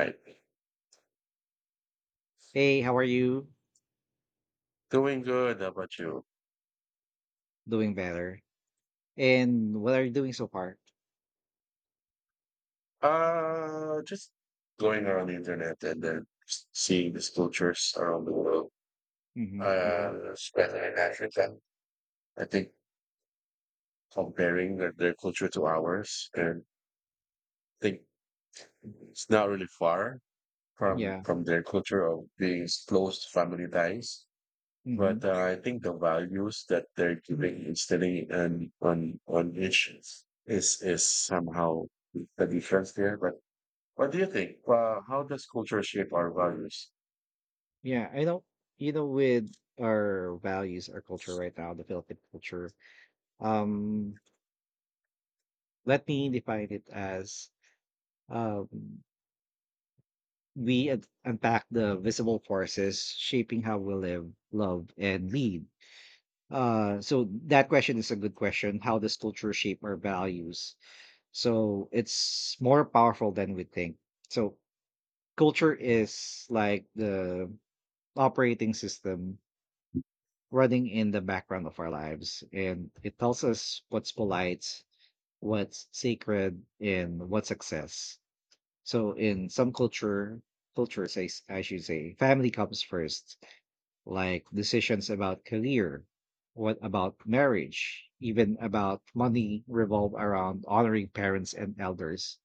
Right. Hey, how are you? Doing good. How about you? Doing better. And what are you doing so far? Just going around the internet and then seeing these cultures around the world, hmm hmm especially in Africa. I think comparing their culture to ours, and I think it's not really far from Yeah. from their culture of being close to family ties. hmm But I think the values that they're giving instilling on each is is somehow the difference there. But what do you think? How does culture shape our values? Yeah. I know, you know, With our values, our culture right now, the Philippine culture, um, let me define it as um, we unpack the visible forces shaping how we live, love, and lead. So that question is a good question. How does culture shape our values? So it's more powerful than we think. So culture is like the operating system running in the background of our lives, and it tells us what's polite, what's sacred, and what's success. So in some culture cultures I, s- I should say, family comes first, like decisions about career, what about marriage, even about money revolve around honoring parents and elders.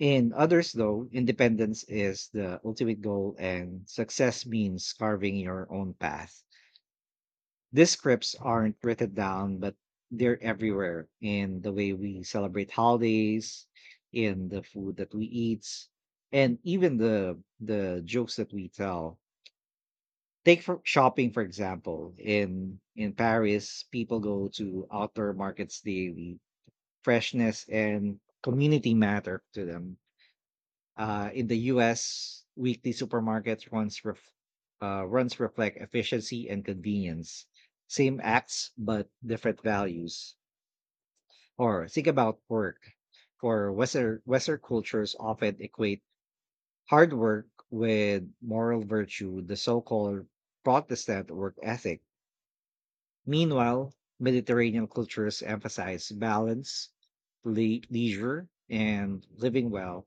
In others, though, independence is the ultimate goal and success means carving your own path. These scripts aren't written down, but they're everywhere in the way we celebrate holidays, in the food that we eat, and even the jokes that we tell. Take for shopping, for example. In Paris, people go to outdoor markets daily. Freshness and community matter to them. In the U.S., weekly supermarkets runs reflect efficiency and convenience. Same acts but different values. Or think about work. For Western cultures often equate hard work with moral virtue, the so-called Protestant work ethic. Meanwhile, Mediterranean cultures emphasize balance, leisure, and living well.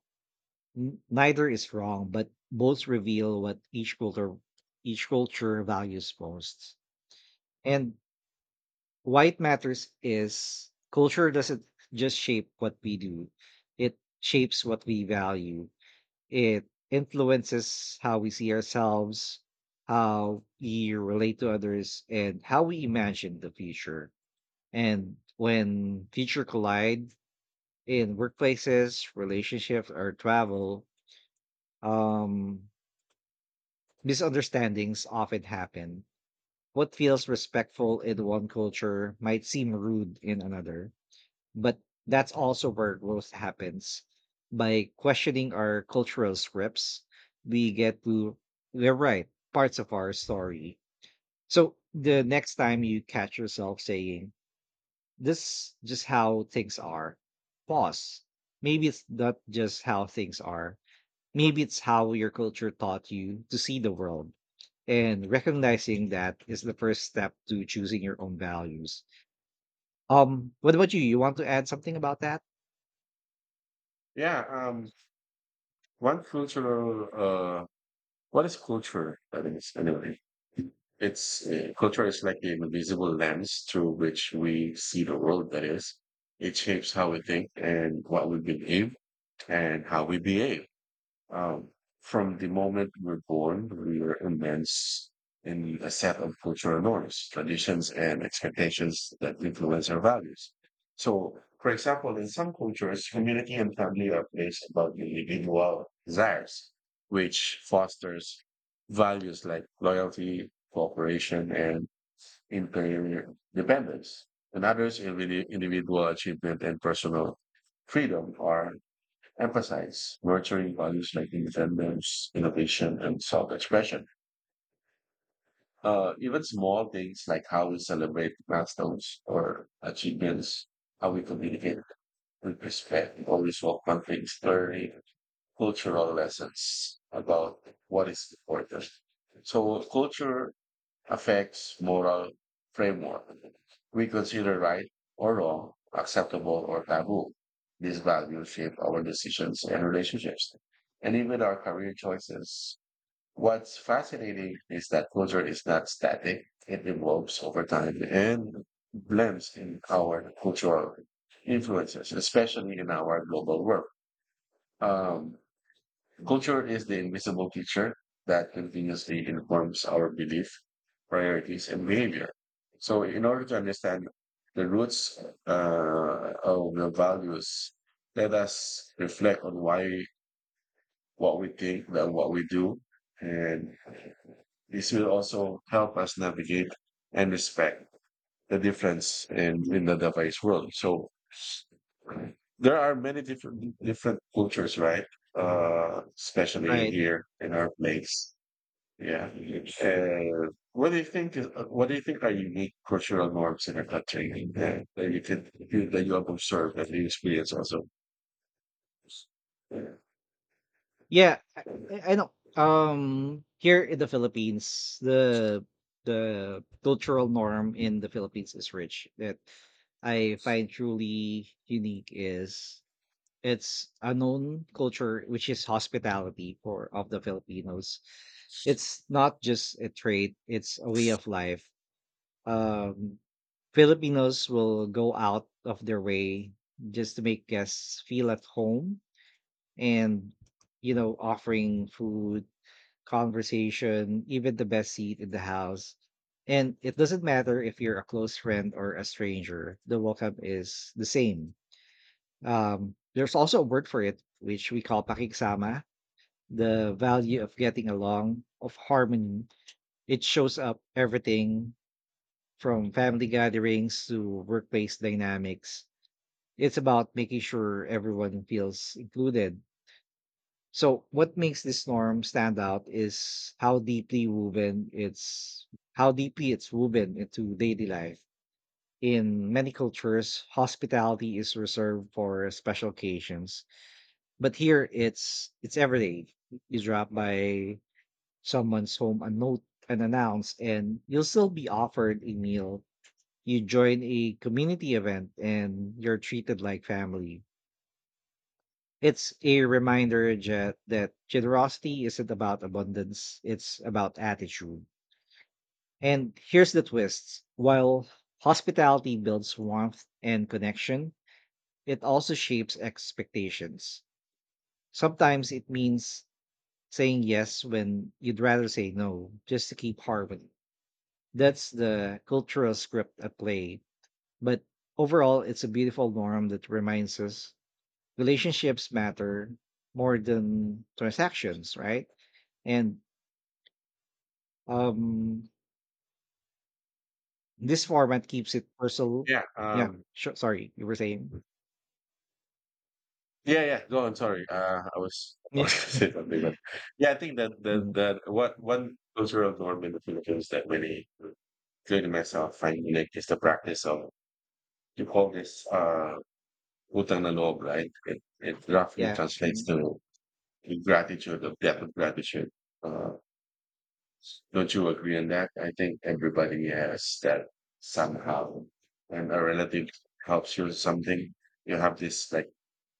Neither is wrong, but both reveal what each culture values most. And why it matters is culture doesn't just shape what we do; it shapes what we value. It influences how we see ourselves, how we relate to others, and how we imagine the future. And when future collide in workplaces, relationships, or travel, um misunderstandings often happen. What feels respectful in one culture might seem rude in another, but that's also where growth happens. By questioning our cultural scripts, we get to rewrite parts of our story. So the next time you catch yourself saying, this just how things are, pause. Maybe it's not just how things are. Maybe it's how your culture taught you to see the world. And recognizing that is the first step to choosing your own values. What about you? You want to add something about that? Yeah, one cultural, what is culture? That is, anyway, it's culture is like an invisible lens through which we see the world. That is, it shapes how we think and what we believe and how we behave. Um, from the moment we're born, we are immense in a set of cultural norms, traditions, and expectations that influence our values. So, for example, in some cultures, community and family are placed above individual desires, which fosters values like loyalty, cooperation, and interdependence. In others, individual achievement and personal freedom are emphasize nurturing values like independence, innovation, and self-expression. Even small things like how we celebrate milestones or achievements, how we communicate with respect, always welcome things, learning cultural lessons about what is important. So culture affects moral framework. We consider right or wrong, acceptable or taboo. These values shape our decisions and relationships, and even our career choices. What's fascinating is that culture is not static. It evolves over time and blends in our cultural influences, especially in our global world. Um, Culture is the invisible teacher that continuously informs our belief, priorities, and behavior. So, in order to understand the roots of the values, let us reflect on why what we think and what we do, and this will also help us navigate and respect the difference in the device world. So, there are many different cultures, right? Especially Right. here in our place. Yeah. What do you think? What do you think are unique cultural norms in a country that you can that you have observed and you experience also? Yeah, I know. Here in the Philippines, the cultural norm in the Philippines is rich. That I find truly unique is, it's a known culture, which is hospitality for of the Filipinos. It's not just a trait; it's a way of life. Um, Filipinos will go out of their way just to make guests feel at home, and offering food, conversation, even the best seat in the house. And it doesn't matter if you're a close friend or a stranger, the welcome is the same. There's also a word for it, which we call pakiksama, the value of getting along, of harmony. It shows up everything from family gatherings to workplace dynamics. It's about making sure everyone feels included. So, what makes this norm stand out is how deeply it's woven into daily life. In many cultures, hospitality is reserved for special occasions, but here it's every day. You drop by someone's home unnote unannounced and you'll still be offered a meal. You join a community event and you're treated like family. It's a reminder that generosity isn't about abundance, it's about attitude. And here's the twist. While hospitality builds warmth and connection, it also shapes expectations. Sometimes it means saying yes when you'd rather say no just to keep harmony. That's the cultural script at play. But overall, it's a beautiful norm that reminds us relationships matter more than transactions, right? And um, this format keeps it personal. Yeah. Yeah, sure. Sorry, you were saying. Yeah. Yeah. Go on. Sorry. I was I Yeah. was going to say something, but yeah, I think that that Mhm. that what one cultural norm in the Philippines that really, including myself, find unique is the practice of you call this utang na loob, right? It roughly Yeah. translates Mhm. to gratitude, of debt of gratitude. Uh, Don't you agree on that? I think everybody has that somehow. And a relative helps you with something, you have this like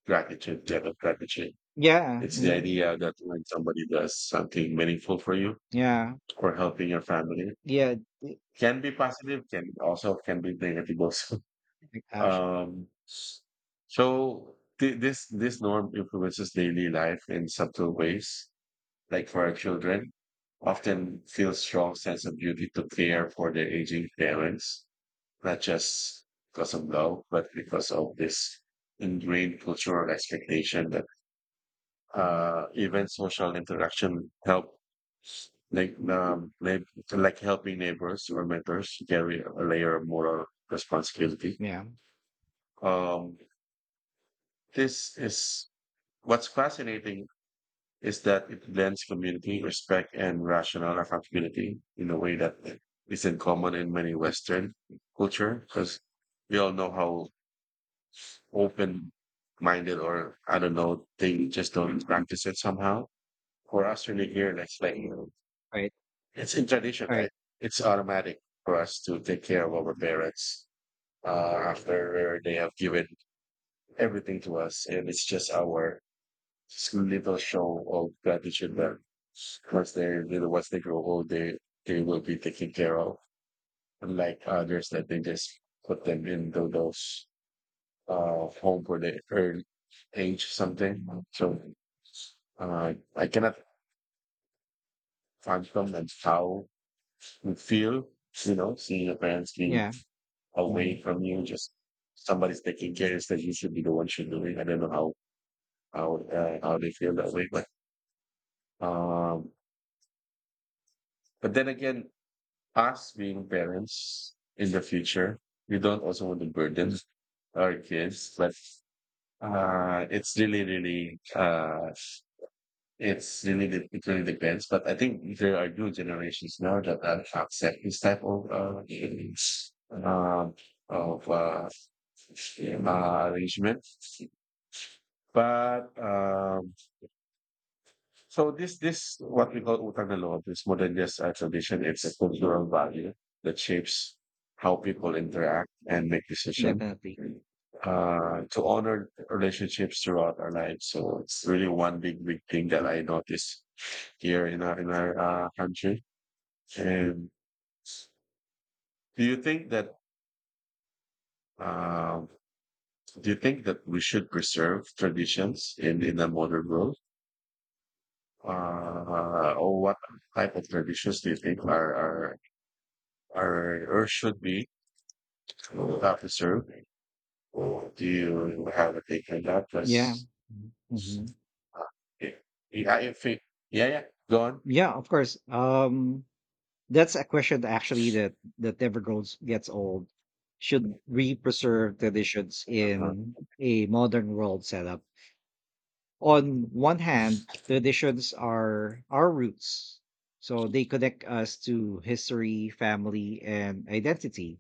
gratitude, debt of gratitude. Yeah. It's the Mhm. idea that when somebody does something meaningful for you Yeah. or helping your family, Yeah. Oh, can be positive, can also can be negative also. gosh. Um, so this norm influences daily life in subtle ways like for our children, often feel strong sense of duty to care for their aging parents, not just because of love, but because of this ingrained cultural expectation that even social interaction help like like helping neighbors or mentors carry a layer of moral responsibility. Yeah. Um, this is what's fascinating is that it blends community, respect, and rational accountability in a way that isn't common in many Western culture because we all know how open minded or I don't know, they just don't practice it somehow. For us really here, like Right. it's in tradition, right? Right. It's automatic for us to take care of our parents after they have given everything to us and it's just our so little show of gratitude that once they you know, once they grow old they will be taken care of unlike others that they just put them in those home for the early age something so I cannot fathom and how you feel you know seeing your parents being Yeah. hmm away from you just somebody's taking care instead you should be the one should do it I don't know how how they feel that way um but then again us being parents in the future, we don't also want to burden our kids, but it's really, really, it's really, it really depends. But I think there are new generations now that are accept this type of uh, of uh, arrangement. But so this what we call utang na loob is more than just a tradition. It's a cultural value that shapes how people interact and make decisions Definitely. To honor relationships throughout our lives. So it's really one big thing that I notice here in our country. And do you think that um do you think that we should preserve traditions in the modern world? Or what type of traditions do you think are or should be officer. Do you have a take on that? Yeah. Because Mhm. Mhm. yeah, yeah, if it, yeah, yeah, go on. Yeah, of course. That's a question that actually that that never grows gets old. Should we preserve traditions Uh-huh. in a modern world setup? On one hand, traditions are our roots, so they connect us to history, family, and identity.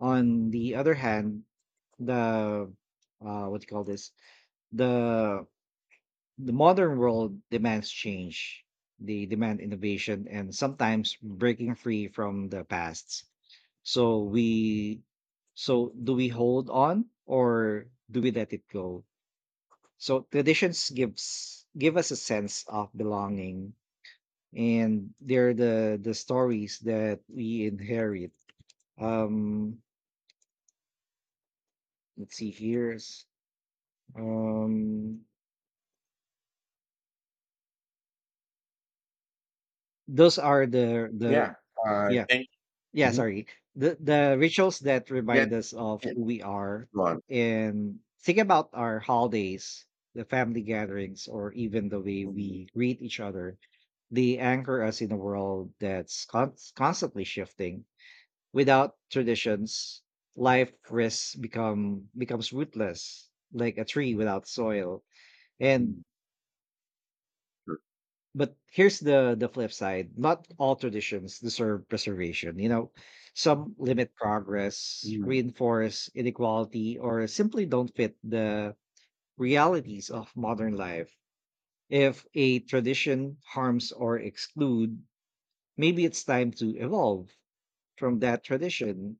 On the other hand, the what do you call this? The the modern world demands change. They demand innovation and sometimes breaking free from the past. So we so do we hold on or do we let it go? So traditions give us a sense of belonging, and they're the stories that we inherit. Um let's see here's um those are Yeah, the yeah thank. yeah Mhm. sorry The rituals that Yeah, remind us of yeah, who we are, go on. and think about our holidays, the family gatherings, or even the way Mm, we greet each other. They anchor us in a world that's constantly shifting. Without traditions, life risks becomes rootless, like a tree without soil. And mm, sure. but here's the flip side: not all traditions deserve preservation, you know. Some limit progress, Mm, reinforce inequality, or simply don't fit the realities of modern life. If a tradition harms or exclude, maybe it's time to evolve from that tradition.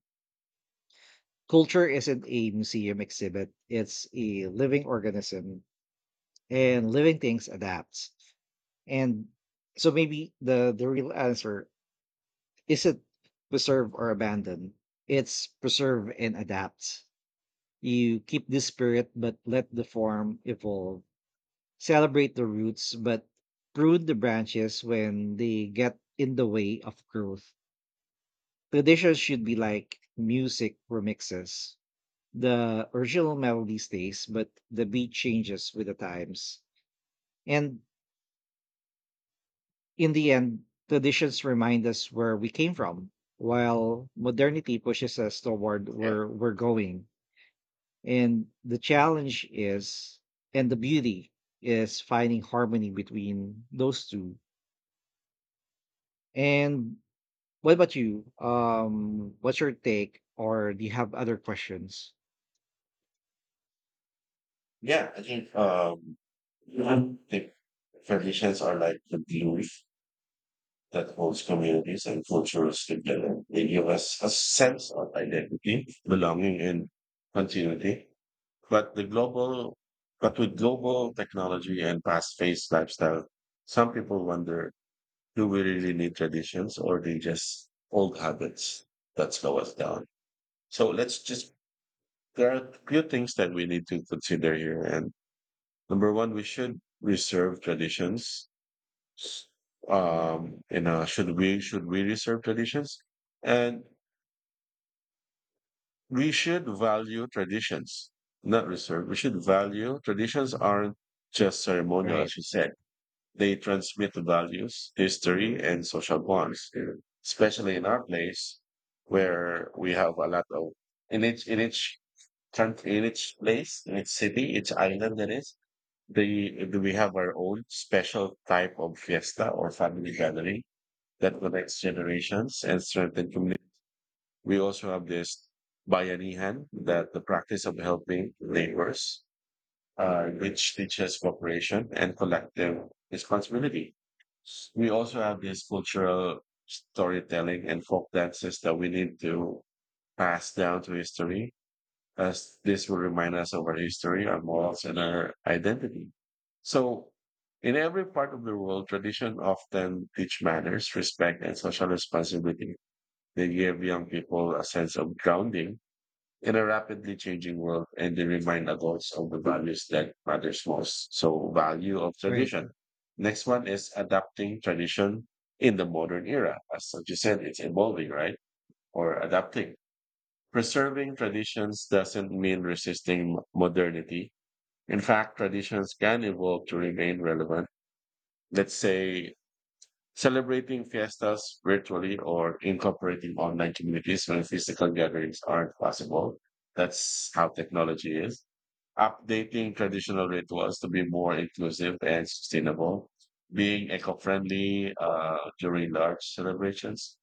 Culture isn't a museum exhibit; it's a living organism, and living things adapt. And so maybe the real answer isn't preserve or abandon. It's preserve and adapt. You keep the spirit, but let the form evolve. Celebrate the roots, but prune the branches when they get in the way of growth. Traditions should be like music remixes. The original melody stays, but the beat changes with the times. And in the end, traditions remind us where we came from, while modernity pushes us toward yeah, where we're going. And the challenge is, and the beauty is, finding harmony between those two. And What about you? What's your take, or do you have other questions? yeah. I think the traditions are like the glue that holds communities and cultures together. They give us a sense of identity, belonging, and continuity. But the global, but with global technology and fast-paced lifestyle, some people wonder, do we really need traditions or they just old habits that slow us down? So let's just, there are a few things that we need to consider here. And number one, we should reserve traditions. You know, should we reserve traditions? And We should value traditions, not reserve. We should value traditions aren't just ceremonial, Right, as you said. They transmit values, history, and social bonds, especially in our place where we have a lot of in each country, in each place, in each city, each island that is. The, do we have our own special type of fiesta or family gathering that connects generations and strengthens communities? We also have this Bayanihan, that the practice of helping neighbors, which teaches cooperation and collective responsibility. We also have this cultural storytelling and folk dances that we need to pass down to history, as this will remind us of our history, our morals, and our identity. So, in every part of the world, tradition often teach manners, respect, and social responsibility. They give young people a sense of grounding in a rapidly changing world and they remind adults of the values that matters most. So value of right, tradition. Next one is adapting tradition in the modern era. As you said, it's evolving, right? Or adapting. Preserving traditions doesn't mean resisting modernity. In fact, traditions can evolve to remain relevant. Let's say celebrating fiestas virtually or incorporating online communities when physical gatherings aren't possible. That's how technology is. Updating traditional rituals to be more inclusive and sustainable. Being eco friendly during large celebrations.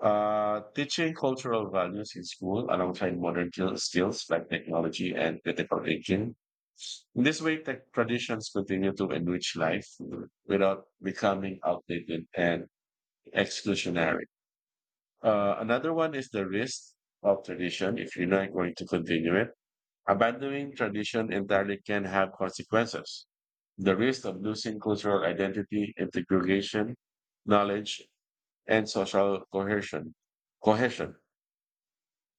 Teaching cultural values in school alongside modern skills like technology and critical thinking. In this way, tech traditions continue to enrich life without becoming outdated and exclusionary. Another one is the risk of tradition if you're not going to continue it. Abandoning tradition entirely can have consequences. The risk of losing cultural identity, integration, knowledge, and social cohesion. Cohesion.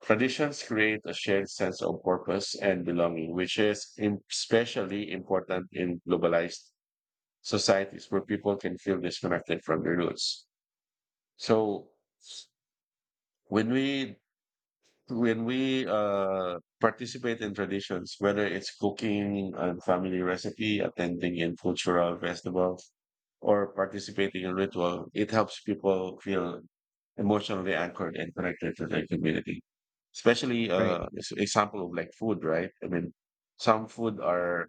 Traditions create a shared sense of purpose and belonging, which is especially important in globalized societies where people can feel disconnected from their roots. So when we when we participate in traditions, whether it's cooking a family recipe, attending in cultural festivals, or participating in ritual, it helps people feel emotionally anchored and connected to their community. Especially, right. This example of like food, right? I mean, some food are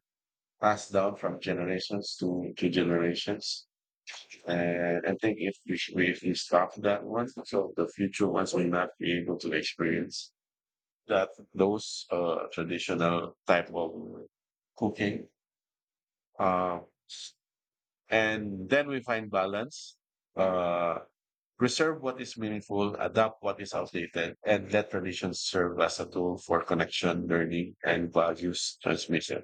passed down from generations to generations, and I think if we stop that one, so the future ones will not be able to experience that those traditional type of cooking. Uh, and then we find balance, uh, preserve what is meaningful, adapt what is outdated, and let traditions serve as a tool for connection, learning, and values transmission.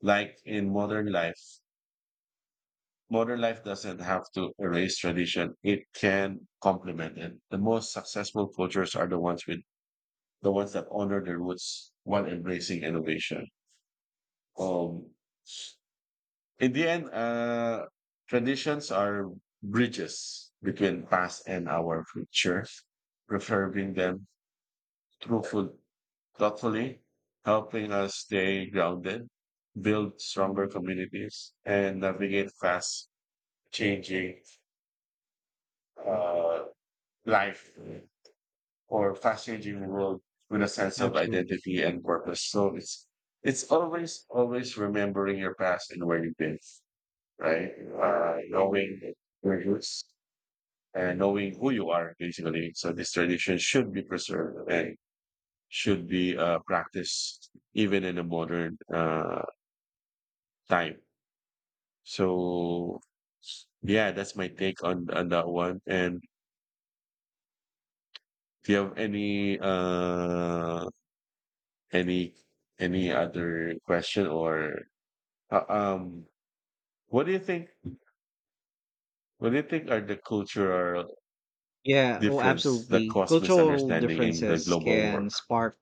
Like in modern life, Modern life doesn't have to erase tradition; it can complement it. The most successful cultures are the ones with The ones that honor their roots while embracing innovation. Um, in the end, traditions are bridges between past and our future, preserving them through food thoughtfully, helping us stay grounded, build stronger communities, and navigate fast changing uh, life or fast changing world with a sense of Absolutely. identity and purpose. So it's always always remembering your past and where you've been. Right? Knowing your roots and knowing who you are, basically. So this tradition should be preserved and should be practiced even in a modern time. So yeah, that's my take on that one. And do you have any any other question or uh, um what do you think? What do you think are the cultural Yeah, oh, difference that Absolutely. cause Cultural misunderstanding in the differences global can work? spark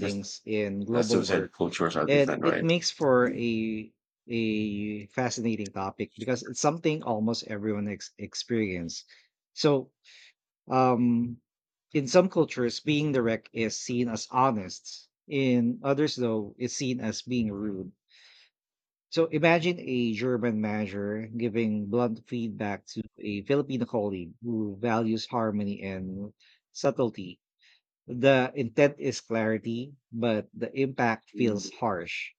Just in that's global suicide work, cultures are and different, it right? makes for Mm. A fascinating topic because it's something almost everyone ex experience. So, um, in some cultures, being direct is seen as honest. In others, though, it's seen as being rude. So imagine a German manager giving blunt feedback to a Filipino colleague who values harmony and subtlety. The intent is clarity, but the impact feels harsh.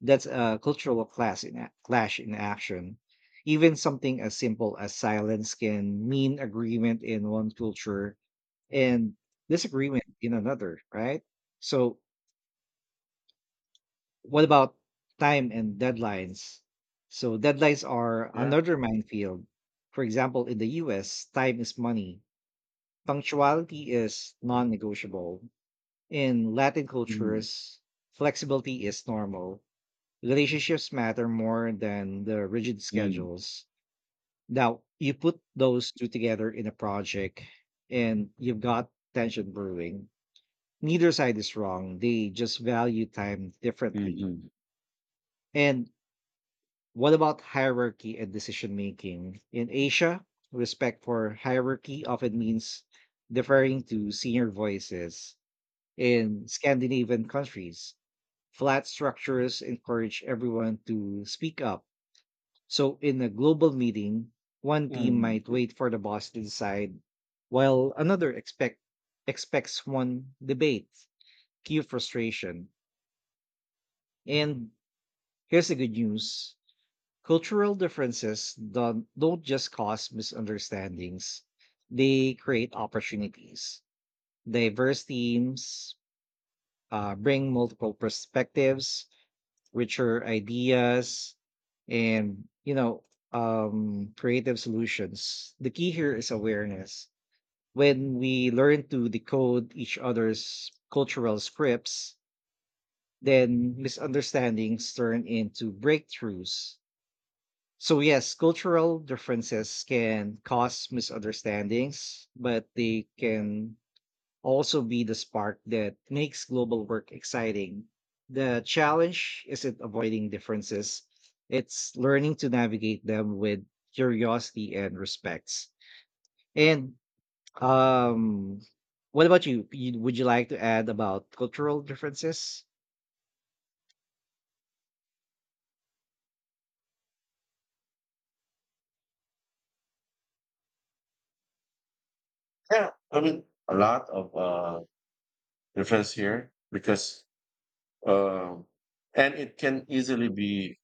That's a cultural class in a- clash in action. Even something as simple as silence can mean agreement in one culture and disagreement in another, right? So what about time and deadlines? So deadlines are Yeah. another minefield. For example, in the U.S., time is money. Punctuality is non-negotiable. In Latin Mm, cultures, flexibility is normal. Relationships matter more than the rigid mm, schedules. Now, you put those two together in a project and you've got tension brewing. Neither side is wrong. They just value time differently. mhm, And what about hierarchy and decision making? In Asia, respect for hierarchy often means deferring to senior voices. In Scandinavian countries, flat structures encourage everyone to speak up. So, in a global meeting, one team might mhm. wait for the boss to decide, while another expects one debate, cue frustration. And here's the good news: cultural differences don't just cause misunderstandings, they create opportunities. Diverse teams bring multiple perspectives, richer ideas, and creative solutions. The key here is awareness. When we learn to decode each other's cultural scripts, then misunderstandings turn into breakthroughs. So yes, cultural differences can cause misunderstandings, but they can also be the spark that makes global work exciting. The challenge isn't avoiding differences, it's learning to navigate them with curiosity and respect. And um what about you? Would you like to add about cultural differences? Yeah, I mean, a lot of difference here because, um, and it can easily be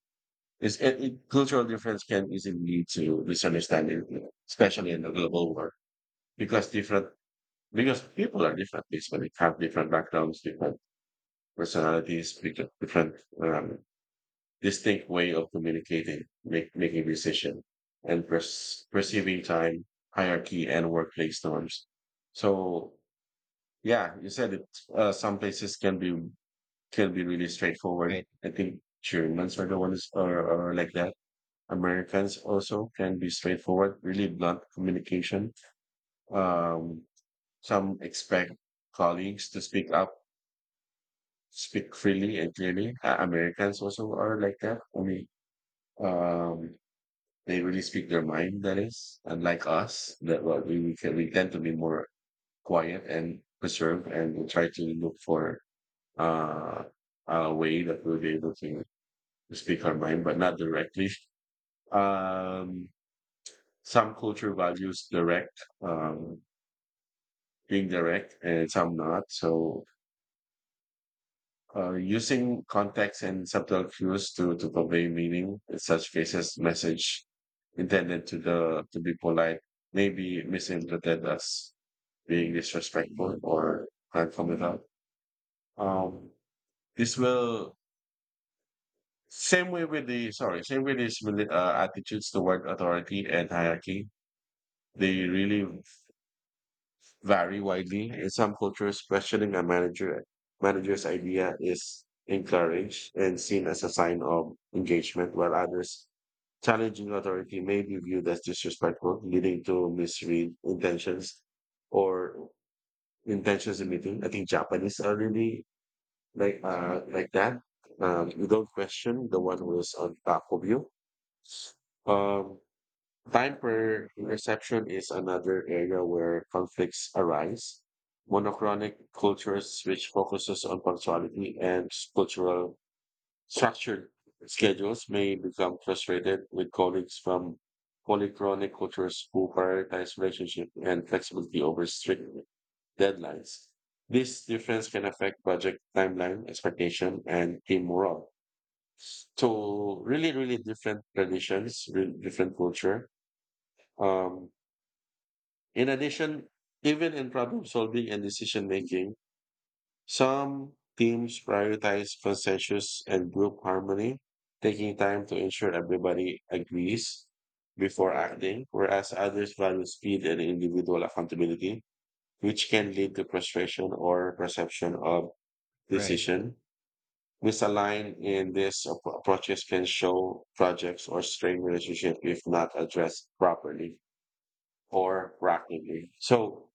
is it, it, cultural difference can easily lead to misunderstanding, you know, especially in the global world, because different because people are different, basically have different backgrounds, different personalities, different distinct way of communicating, making decision, and perceiving time, hierarchy, and workplace norms. So yeah, you said it. Some places can be really straightforward. Right, I think Germans are the ones are like that. Americans also can be straightforward, really blunt communication. Um, some expect colleagues to speak up, speak freely and clearly. Americans also are like that. I mean, um, they really speak their mind, that is. Unlike us, that what we tend to be more quiet and preserved, and we try to look for uh, a way that we'll be able to speak our mind, but not directly. Um, some culture values being direct, and some not. So using context and subtle cues to convey meaning in such cases, message intended to the to be polite may be misinterpreted as being disrespectful or platform without. Um, this will same way with the sorry same way these attitudes toward authority and hierarchy. They really vary widely. In some cultures, questioning a manager's idea is encouraged and seen as a sign of engagement, while others challenging authority may be viewed as disrespectful, leading to misread intentions or intentions in meeting. I think Japanese are really like that. You don't question the one who is on top of you. Um, Time per interception is another area where conflicts arise. Monochronic cultures, which focuses on punctuality and cultural structured schedules, may become frustrated with colleagues from polychronic cultures who prioritize relationship and flexibility over strict deadlines. This difference can affect project timeline, expectation, and team morale. So really, really different traditions, really different culture. Um, in addition, even in problem solving and decision making, some teams prioritize consensus and group harmony, taking time to ensure everybody agrees before acting, whereas others value speed and individual accountability, which can lead to frustration or perception of right. decision. Misaligned in these approaches can show projects or strain relationship if not addressed properly or rapidly. So,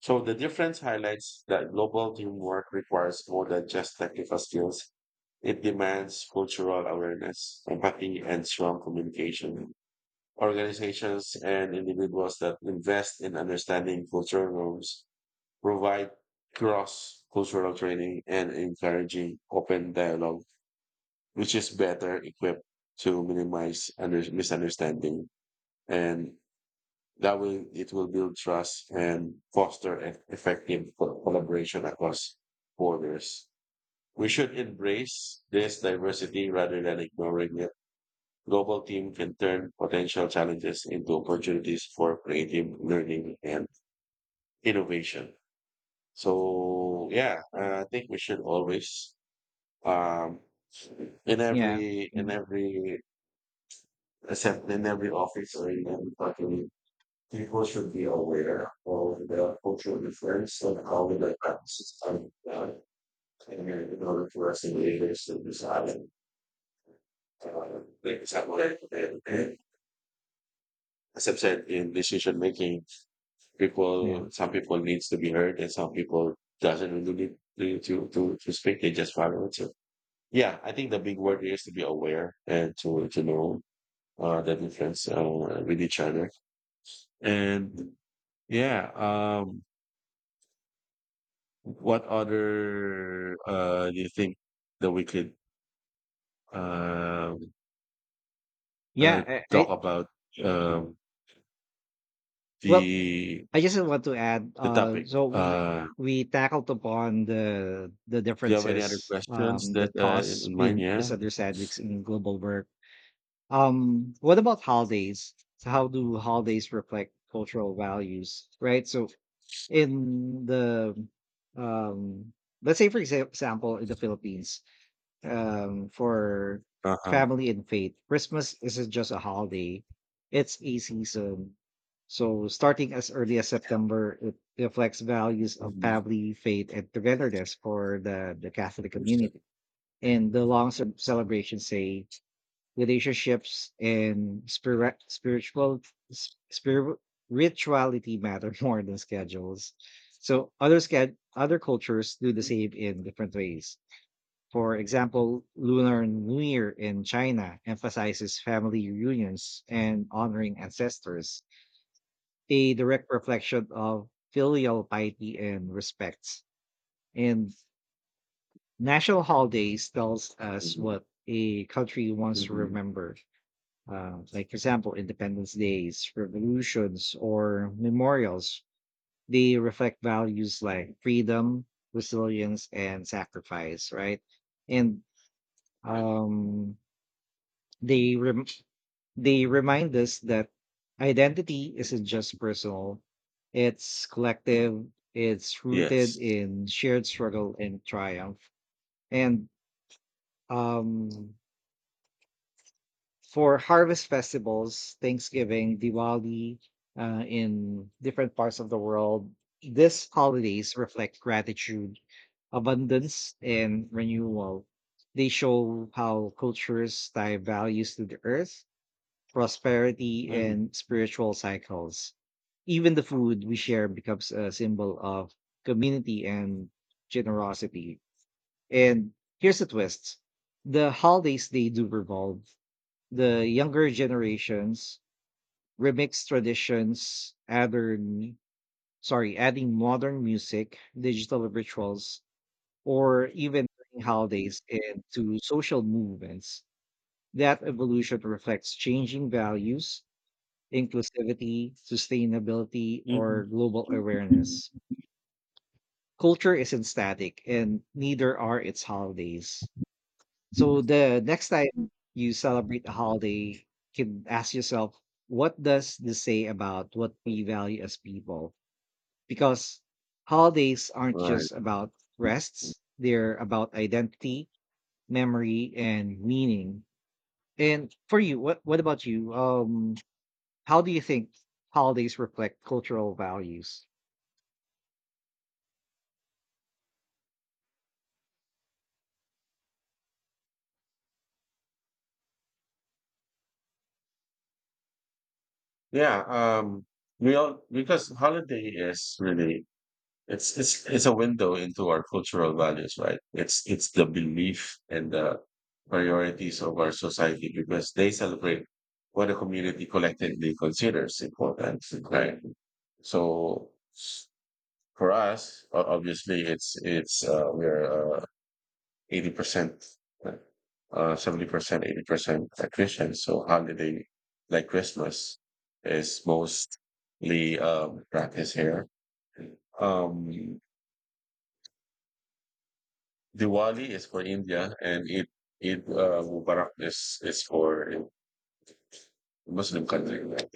so the difference highlights that global teamwork requires more than just technical skills. It demands cultural awareness, empathy, and strong communication. Organizations and individuals that invest in understanding cultural norms, provide cross cultural training and encouraging open dialogue, which is better equipped to minimize misunderstanding, and that way, it will build trust and foster effective collaboration across borders. We should embrace this diversity rather than ignoring it. Global team can turn potential challenges into opportunities for creative learning and innovation. So yeah, I think we should always, um, in Yeah. every in Mm. every in every office or in every company, people should be aware of the cultural difference and how the practices are done. And in order for us to be able to decide, uh, like, example, as I've said, in decision making, Yeah. people, some people needs to be heard and some people doesn't really need to speak. They just follow it. So, yeah, I think the big word here is to be aware and to know, the difference, with each other. And yeah, what other do you think that we could um, uh, Yeah, talk I about um, Well, the I just want to add, the topic? so we tackled upon the Do you have any other differences questions that that cause in mind? Yeah. misunderstandings in global work. What about holidays? So how do holidays reflect cultural values? Right. So in the um, let's say for example, in the Philippines, for Uh-huh. family and faith, Christmas isn't just a holiday, it's a season. So, starting as early as September, it reflects values of Mhm. family, faith, and togetherness for the Catholic community. And the long celebrations say relationships and s- spir- rituality matter more than schedules. So other cultures do the same in different ways. For example, Lunar New Year in China emphasizes family reunions and honoring ancestors, a direct reflection of filial piety and respect. And national holidays tells us Mhm. what a country wants to Mhm. remember. Like, for example, Independence Days, revolutions, or memorials. They reflect values like freedom, resilience, and sacrifice, right? And Right. They rem- They remind us that identity isn't just personal; it's collective. It's rooted Yes. in shared struggle and triumph. And um, for harvest festivals, Thanksgiving, Diwali, in different parts of the world, these holidays reflect gratitude, abundance, and renewal. They show how cultures tie values to the earth, prosperity, Mhm. and spiritual cycles. Even the food we share becomes a symbol of community and generosity. And here's the twist, the holidays they do revolve. The younger generations remix traditions, adding sorry, adding modern music, digital rituals, or even turning holidays into social movements. That evolution reflects changing values, inclusivity, sustainability, Mhm. or global awareness. Culture isn't static, and neither are its holidays. So the next time you celebrate a holiday, you can ask yourself, what does this say about what we value as people? Because holidays aren't Right. just about rests, they're about identity, memory, and meaning. And for you, what about you? How do you think holidays reflect cultural values? Yeah. We all because holiday is really, it's a window into our cultural values, right? It's the belief and the priorities of our society because they celebrate what a community collectively considers important, right? So for us, obviously, it's we're uh, 80%, uh 70%, 80% Christian. So holiday like Christmas is mostly practiced here. Um, Diwali is for India, and Eid Mubarak is for Muslim country, right?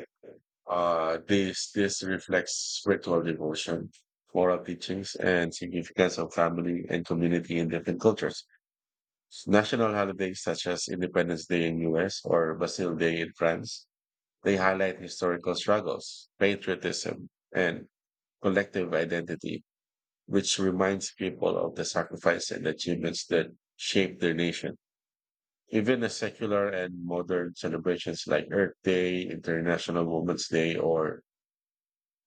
This reflects spiritual devotion, moral teachings, and significance of family and community in different cultures. National holidays such as Independence Day in US or Bastille Day in France, they highlight historical struggles, patriotism, and collective identity, which reminds people of the sacrifice and achievements that shaped their nation. Even the secular and modern celebrations like Earth Day, International Women's Day, or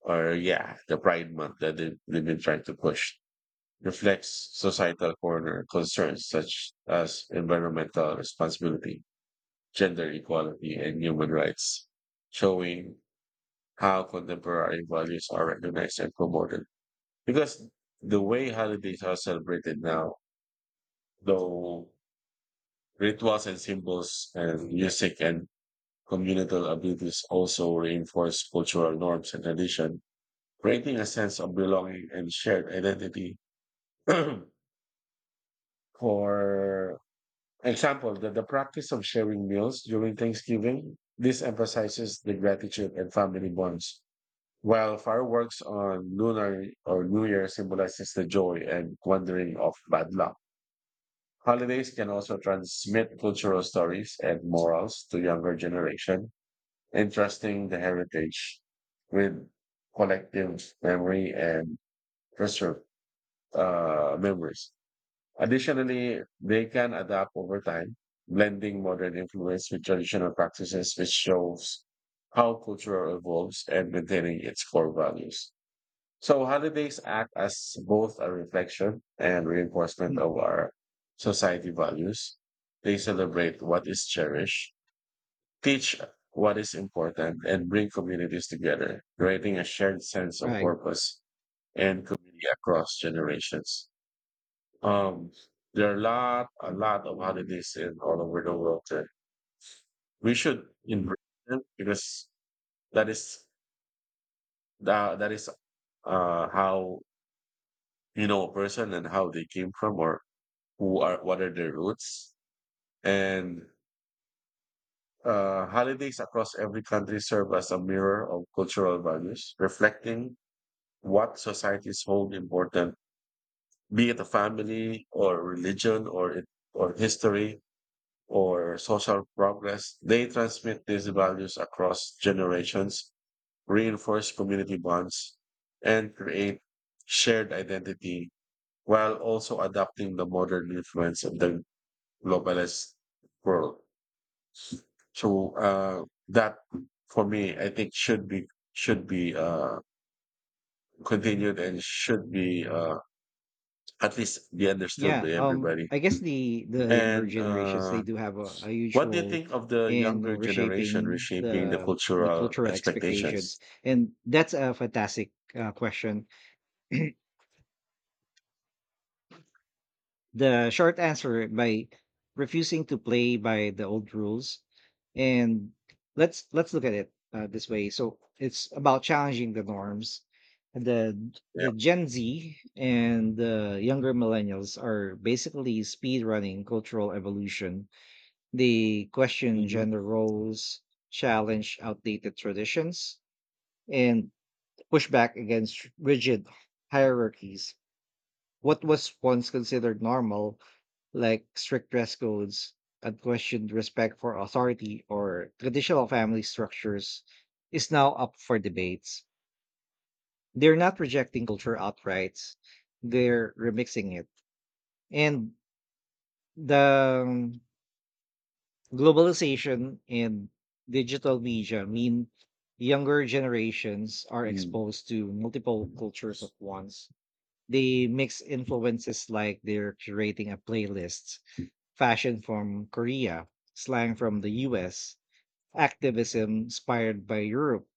yeah, the Pride Month that they've been trying to push, reflects societal corner concerns such as environmental responsibility, gender equality, and human rights, showing how contemporary values are recognized and promoted. Because the way holidays are celebrated now, though rituals and symbols and music and communal activities, also reinforce cultural norms and tradition, creating a sense of belonging and shared identity. For example, the practice of sharing meals during Thanksgiving, this emphasizes the gratitude and family bonds, while fireworks on Lunar or New Year symbolizes the joy and wandering of bad luck. Holidays can also transmit cultural stories and morals to younger generation, entrusting the heritage with collective memory and preserve memories. Additionally, they can adapt over time, blending modern influence with traditional practices, which shows how culture evolves and maintaining its core values. So holidays act as both a reflection and reinforcement Mm. of our society values. They celebrate what is cherished, teach what is important, and bring communities together, creating a shared sense of Right. purpose and community across generations. Um, there are a lot of holidays in all over the world. Uh, we should embrace them because that is that, that is how you know a person and how they came from, or who are what are their roots. And holidays across every country serve as a mirror of cultural values, reflecting what societies hold important, be it a family or religion or it, or history or social progress. They transmit these values across generations, reinforce community bonds, and create shared identity while also adapting the modern influence of the globalist world. So that, for me, I think should be should be uh, continued and should be, at least be understood Yeah. by everybody. I guess the younger And generations they do have a huge what do you role think of the in younger generation reshaping reshaping the the cultural cultural expectations, expectations? and that's a fantastic question. The short answer, by refusing to play by the old rules. And let's look at it this way. So it's about challenging the norms. The Yeah. the Gen Z and the younger millennials are basically speed running cultural evolution. They question Mm-hmm. gender roles, challenge outdated traditions, and push back against rigid hierarchies, what was once considered normal, like strict dress codes, unquestioned respect for authority, or traditional family structures, is now up for debates. They're not rejecting culture outright, they're remixing it. And the globalization and digital media mean younger generations are Mm. exposed to multiple cultures at once. They mix influences like they're curating a playlist, fashion from Korea, slang from the US, activism inspired by Europe.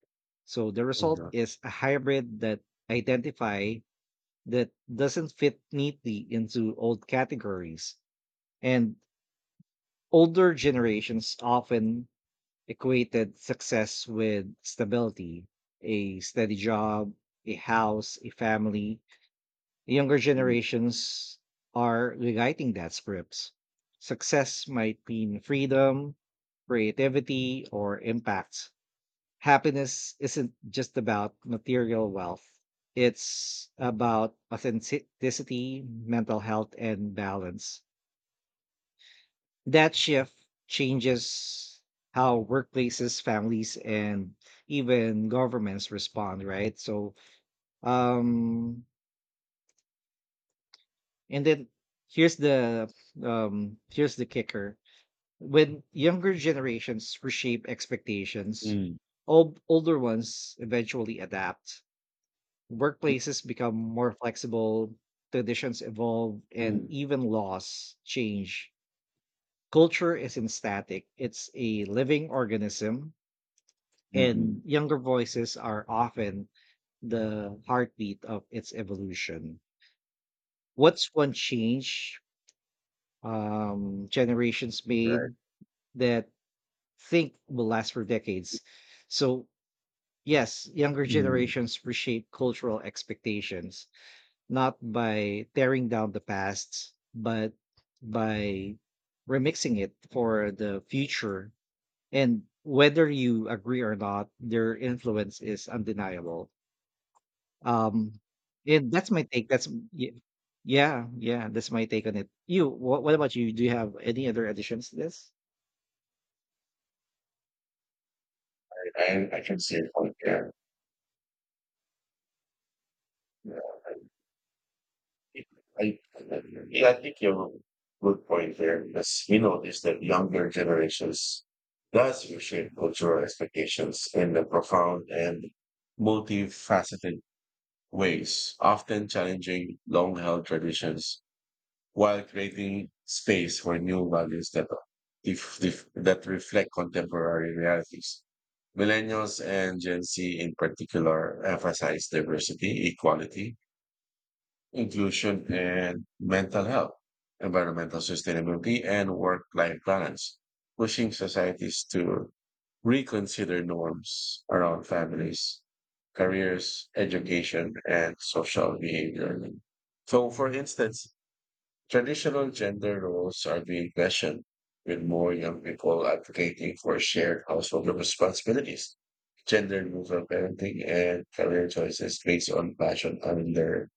So the result Mhm. is a hybrid that identify, that doesn't fit neatly into old categories. And older generations often equated success with stability, a steady job, a house, a family. Younger Mm. generations are rewriting that script. Success might mean freedom, creativity, or impact. Happiness isn't just about material wealth, it's about authenticity, mental health, and balance. That shift changes how workplaces, families, and even governments respond, right? So, um, and then here's the here's the kicker, when younger generations reshape expectations, Mm. old, older ones eventually adapt, workplaces become more flexible, traditions evolve and Mm. even laws change, culture isn't static, it's a living organism, Mm-hmm. and younger voices are often the heartbeat of its evolution. What's one change generations Right. made that think will last for decades. So, yes, younger Mm. generations reshape cultural expectations, not by tearing down the past, but by remixing it for the future. And whether you agree or not, their influence is undeniable. Um, and that's my take. That's y- yeah, yeah. That's my take on it. You, what about you? Do you have any other additions to this? I can see your point there. Yeah. I, yeah, I think you have a good point there because we notice that younger generations does reshape cultural expectations in a profound and multifaceted ways, often challenging long held traditions while creating space for new values that, if- that reflect contemporary realities. Millennials and Gen Z in particular emphasize diversity, equality, inclusion and mental health, environmental sustainability, and work-life balance, pushing societies to reconsider norms around families, careers, education, and social behavior. So, for instance, traditional gender roles are being questioned with more young people advocating for shared household responsibilities, gender neutral parenting, and career choices based on passion and their,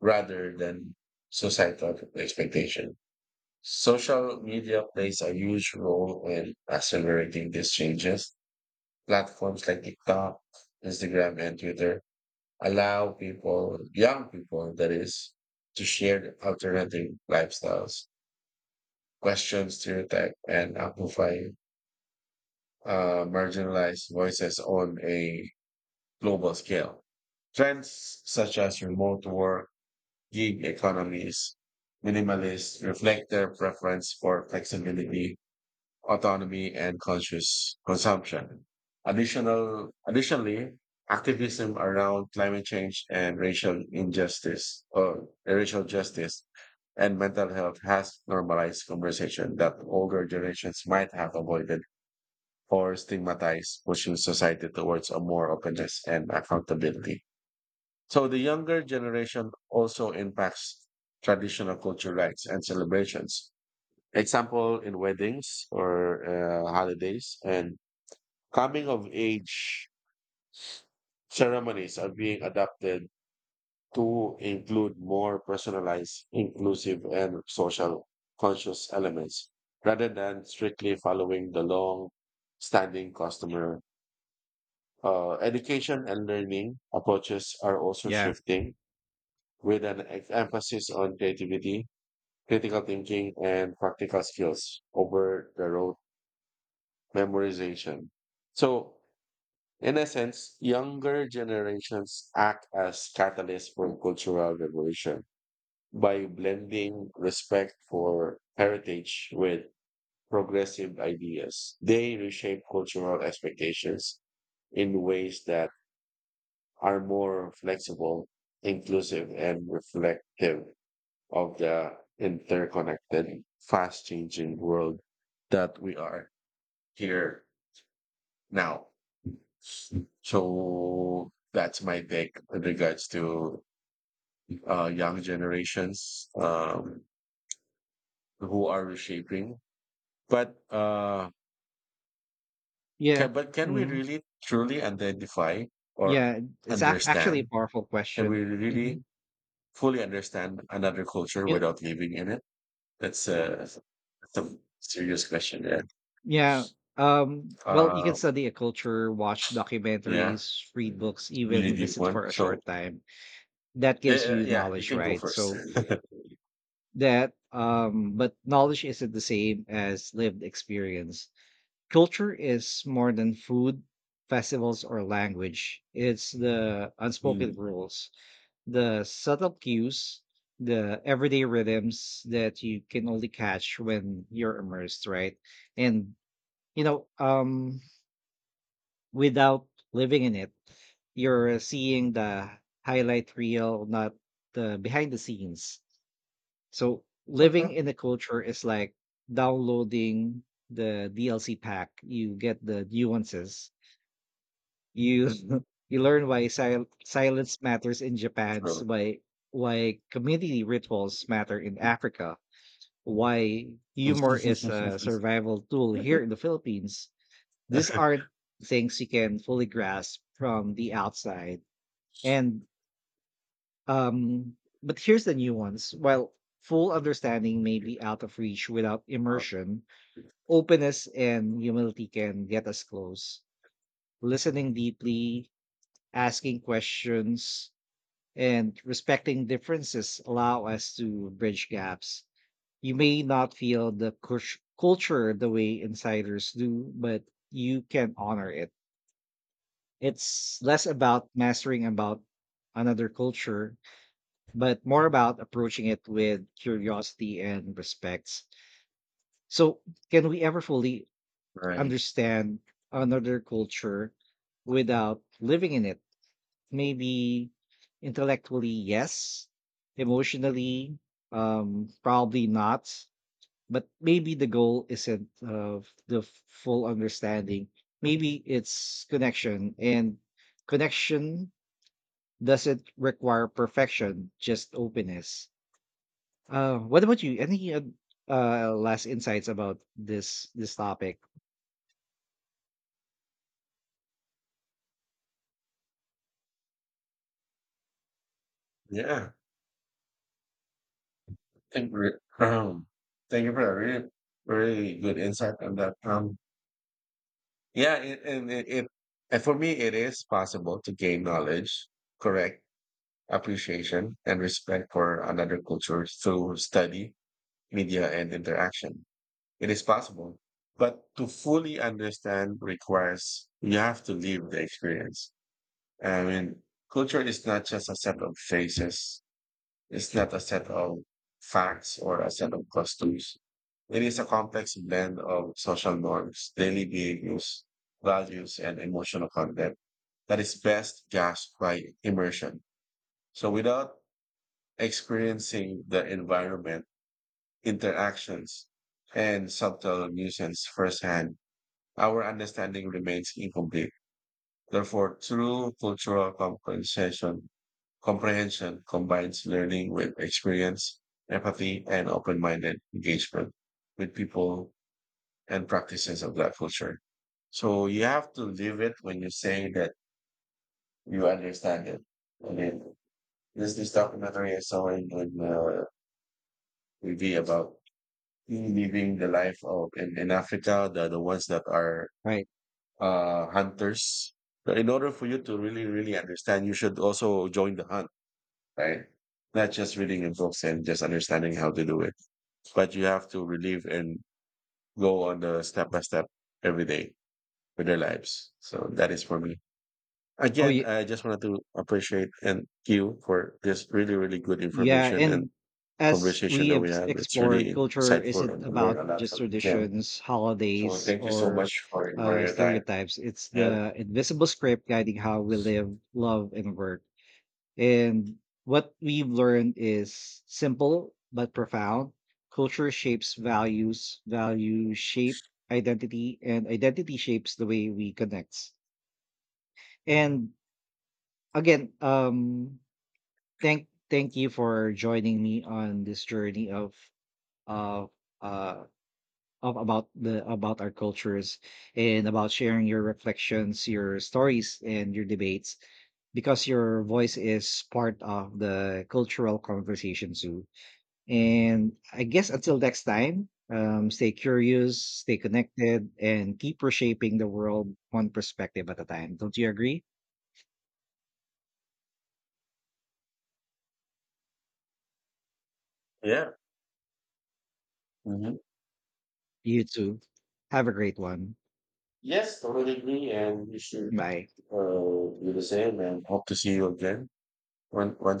rather than societal expectation. Social media plays a huge role in accelerating these changes. Platforms like TikTok, Instagram, and Twitter allow people, young people, that is, to share alternative lifestyles, question stereotype, and amplify marginalized voices on a global scale. Trends such as remote work, gig economies, minimalists reflect their preference for flexibility, autonomy, and conscious consumption. Additionally, activism around climate change and racial injustice or racial justice and mental health has normalized conversation that older generations might have avoided or stigmatized, pushing society towards a more openness and accountability. So the younger generation also impacts traditional culture rites and celebrations. Example in weddings or holidays and coming of age ceremonies are being adapted to include more personalized, inclusive, and social conscious elements rather than strictly following the long standing customer. Education and learning approaches are also Yeah. shifting with an emphasis on creativity, critical thinking, and practical skills over the road memorization. So, in essence, younger generations act as catalysts for cultural revolution by blending respect for heritage with progressive ideas. They reshape cultural expectations in ways that are more flexible, inclusive, and reflective of the interconnected, fast changing world that we are here now. So that's my take in regards to young generations who are reshaping. But Yeah. But can we Mhm. really truly identify or Yeah, it's ac actually a understand? powerful Can we question. Mhm. really fully understand another culture without living in it? That's a, that's a serious question. Yeah. Yeah, well, you can Uh, study a culture, watch yeah, documentaries, it's read books, a really even deep visit one. for a So, short time. That yeah, gives yeah, you yeah, you knowledge, can go right? first. So that but knowledge isn't the same as lived experience. Culture is more than food, festivals, or language. It's the unspoken Mm. rules, the subtle cues, the everyday rhythms that you can only catch when you're immersed, right? And you know, um, without living in it, you're seeing the highlight reel, not the behind the scenes. So living Uh-huh. in the culture is like downloading the DLC pack. You get the nuances. You you learn why silence matters in Japan's, True. Why community rituals matter in Africa, why humor is a survival tool here in the Philippines. These aren't things you can fully grasp from the outside. And um but here's the nuance. While full understanding may be out of reach without immersion, openness and humility can get us close. Listening deeply, asking questions, and respecting differences allow us to bridge gaps. You may not feel the culture the way insiders do, but you can honor it. It's less about mastering about another culture, but more about approaching it with curiosity and respect. So, can we ever fully Right. understand another culture without living in it? Maybe intellectually yes, emotionally, probably not, but maybe the goal isn't the full understanding, maybe it's connection, and connection doesn't require perfection, just openness. What about you, any last insights about this topic? Yeah. Thank you. Um, thank you for that really, really good insight on that. Yeah, it, and it, it, and for me, it is possible to gain knowledge, correct appreciation, and respect for another culture through study, media, and interaction. It is possible, but to fully understand requires you have to live the experience. I mean, culture is not just a set of faces. It's not a set of facts or a set of customs. It is a complex blend of social norms, daily behaviors, values, and emotional content that is best gasped by immersion. So without experiencing the environment, interactions, and subtle nuisance firsthand, our understanding remains incomplete. Therefore, true comprehension combines learning with experience, empathy, and open-minded engagement with people and practices of that culture. So you have to live it when you say that you understand it. I mean, this documentary I saw in TV about living the life of in Africa, the ones that are Right. Hunters. So in order for you to really, really understand, you should also join the hunt, right? Not just reading in books and just understanding how to do it, but you have to relieve and go on the step by step every day with their lives. So that is for me. Oh Again, yeah. I just wanted to appreciate and you for this really, really good Yeah, information and and as conversation we that have we had. It's explored, really culture insightful isn't and learn about a lot just from you, Ken. traditions, So holidays, thank you so or much for your time. stereotypes. It's Yeah. the invisible script guiding how we live, love, and work. And what we've learned is simple but profound. Culture shapes values, values shape identity, and identity shapes the way we connect. And again, thank you for joining me on this journey of of uh about the about our cultures and about sharing your reflections, your stories, and your debates, because your voice is part of the cultural conversation too. And I guess until next time, stay curious, stay connected, and keep reshaping the world one perspective at a time. Don't you agree? Yeah. Mhm. You too. Have a great one. Yes, totally agree, and you should Bye. uh, do the same. And hope to see you again one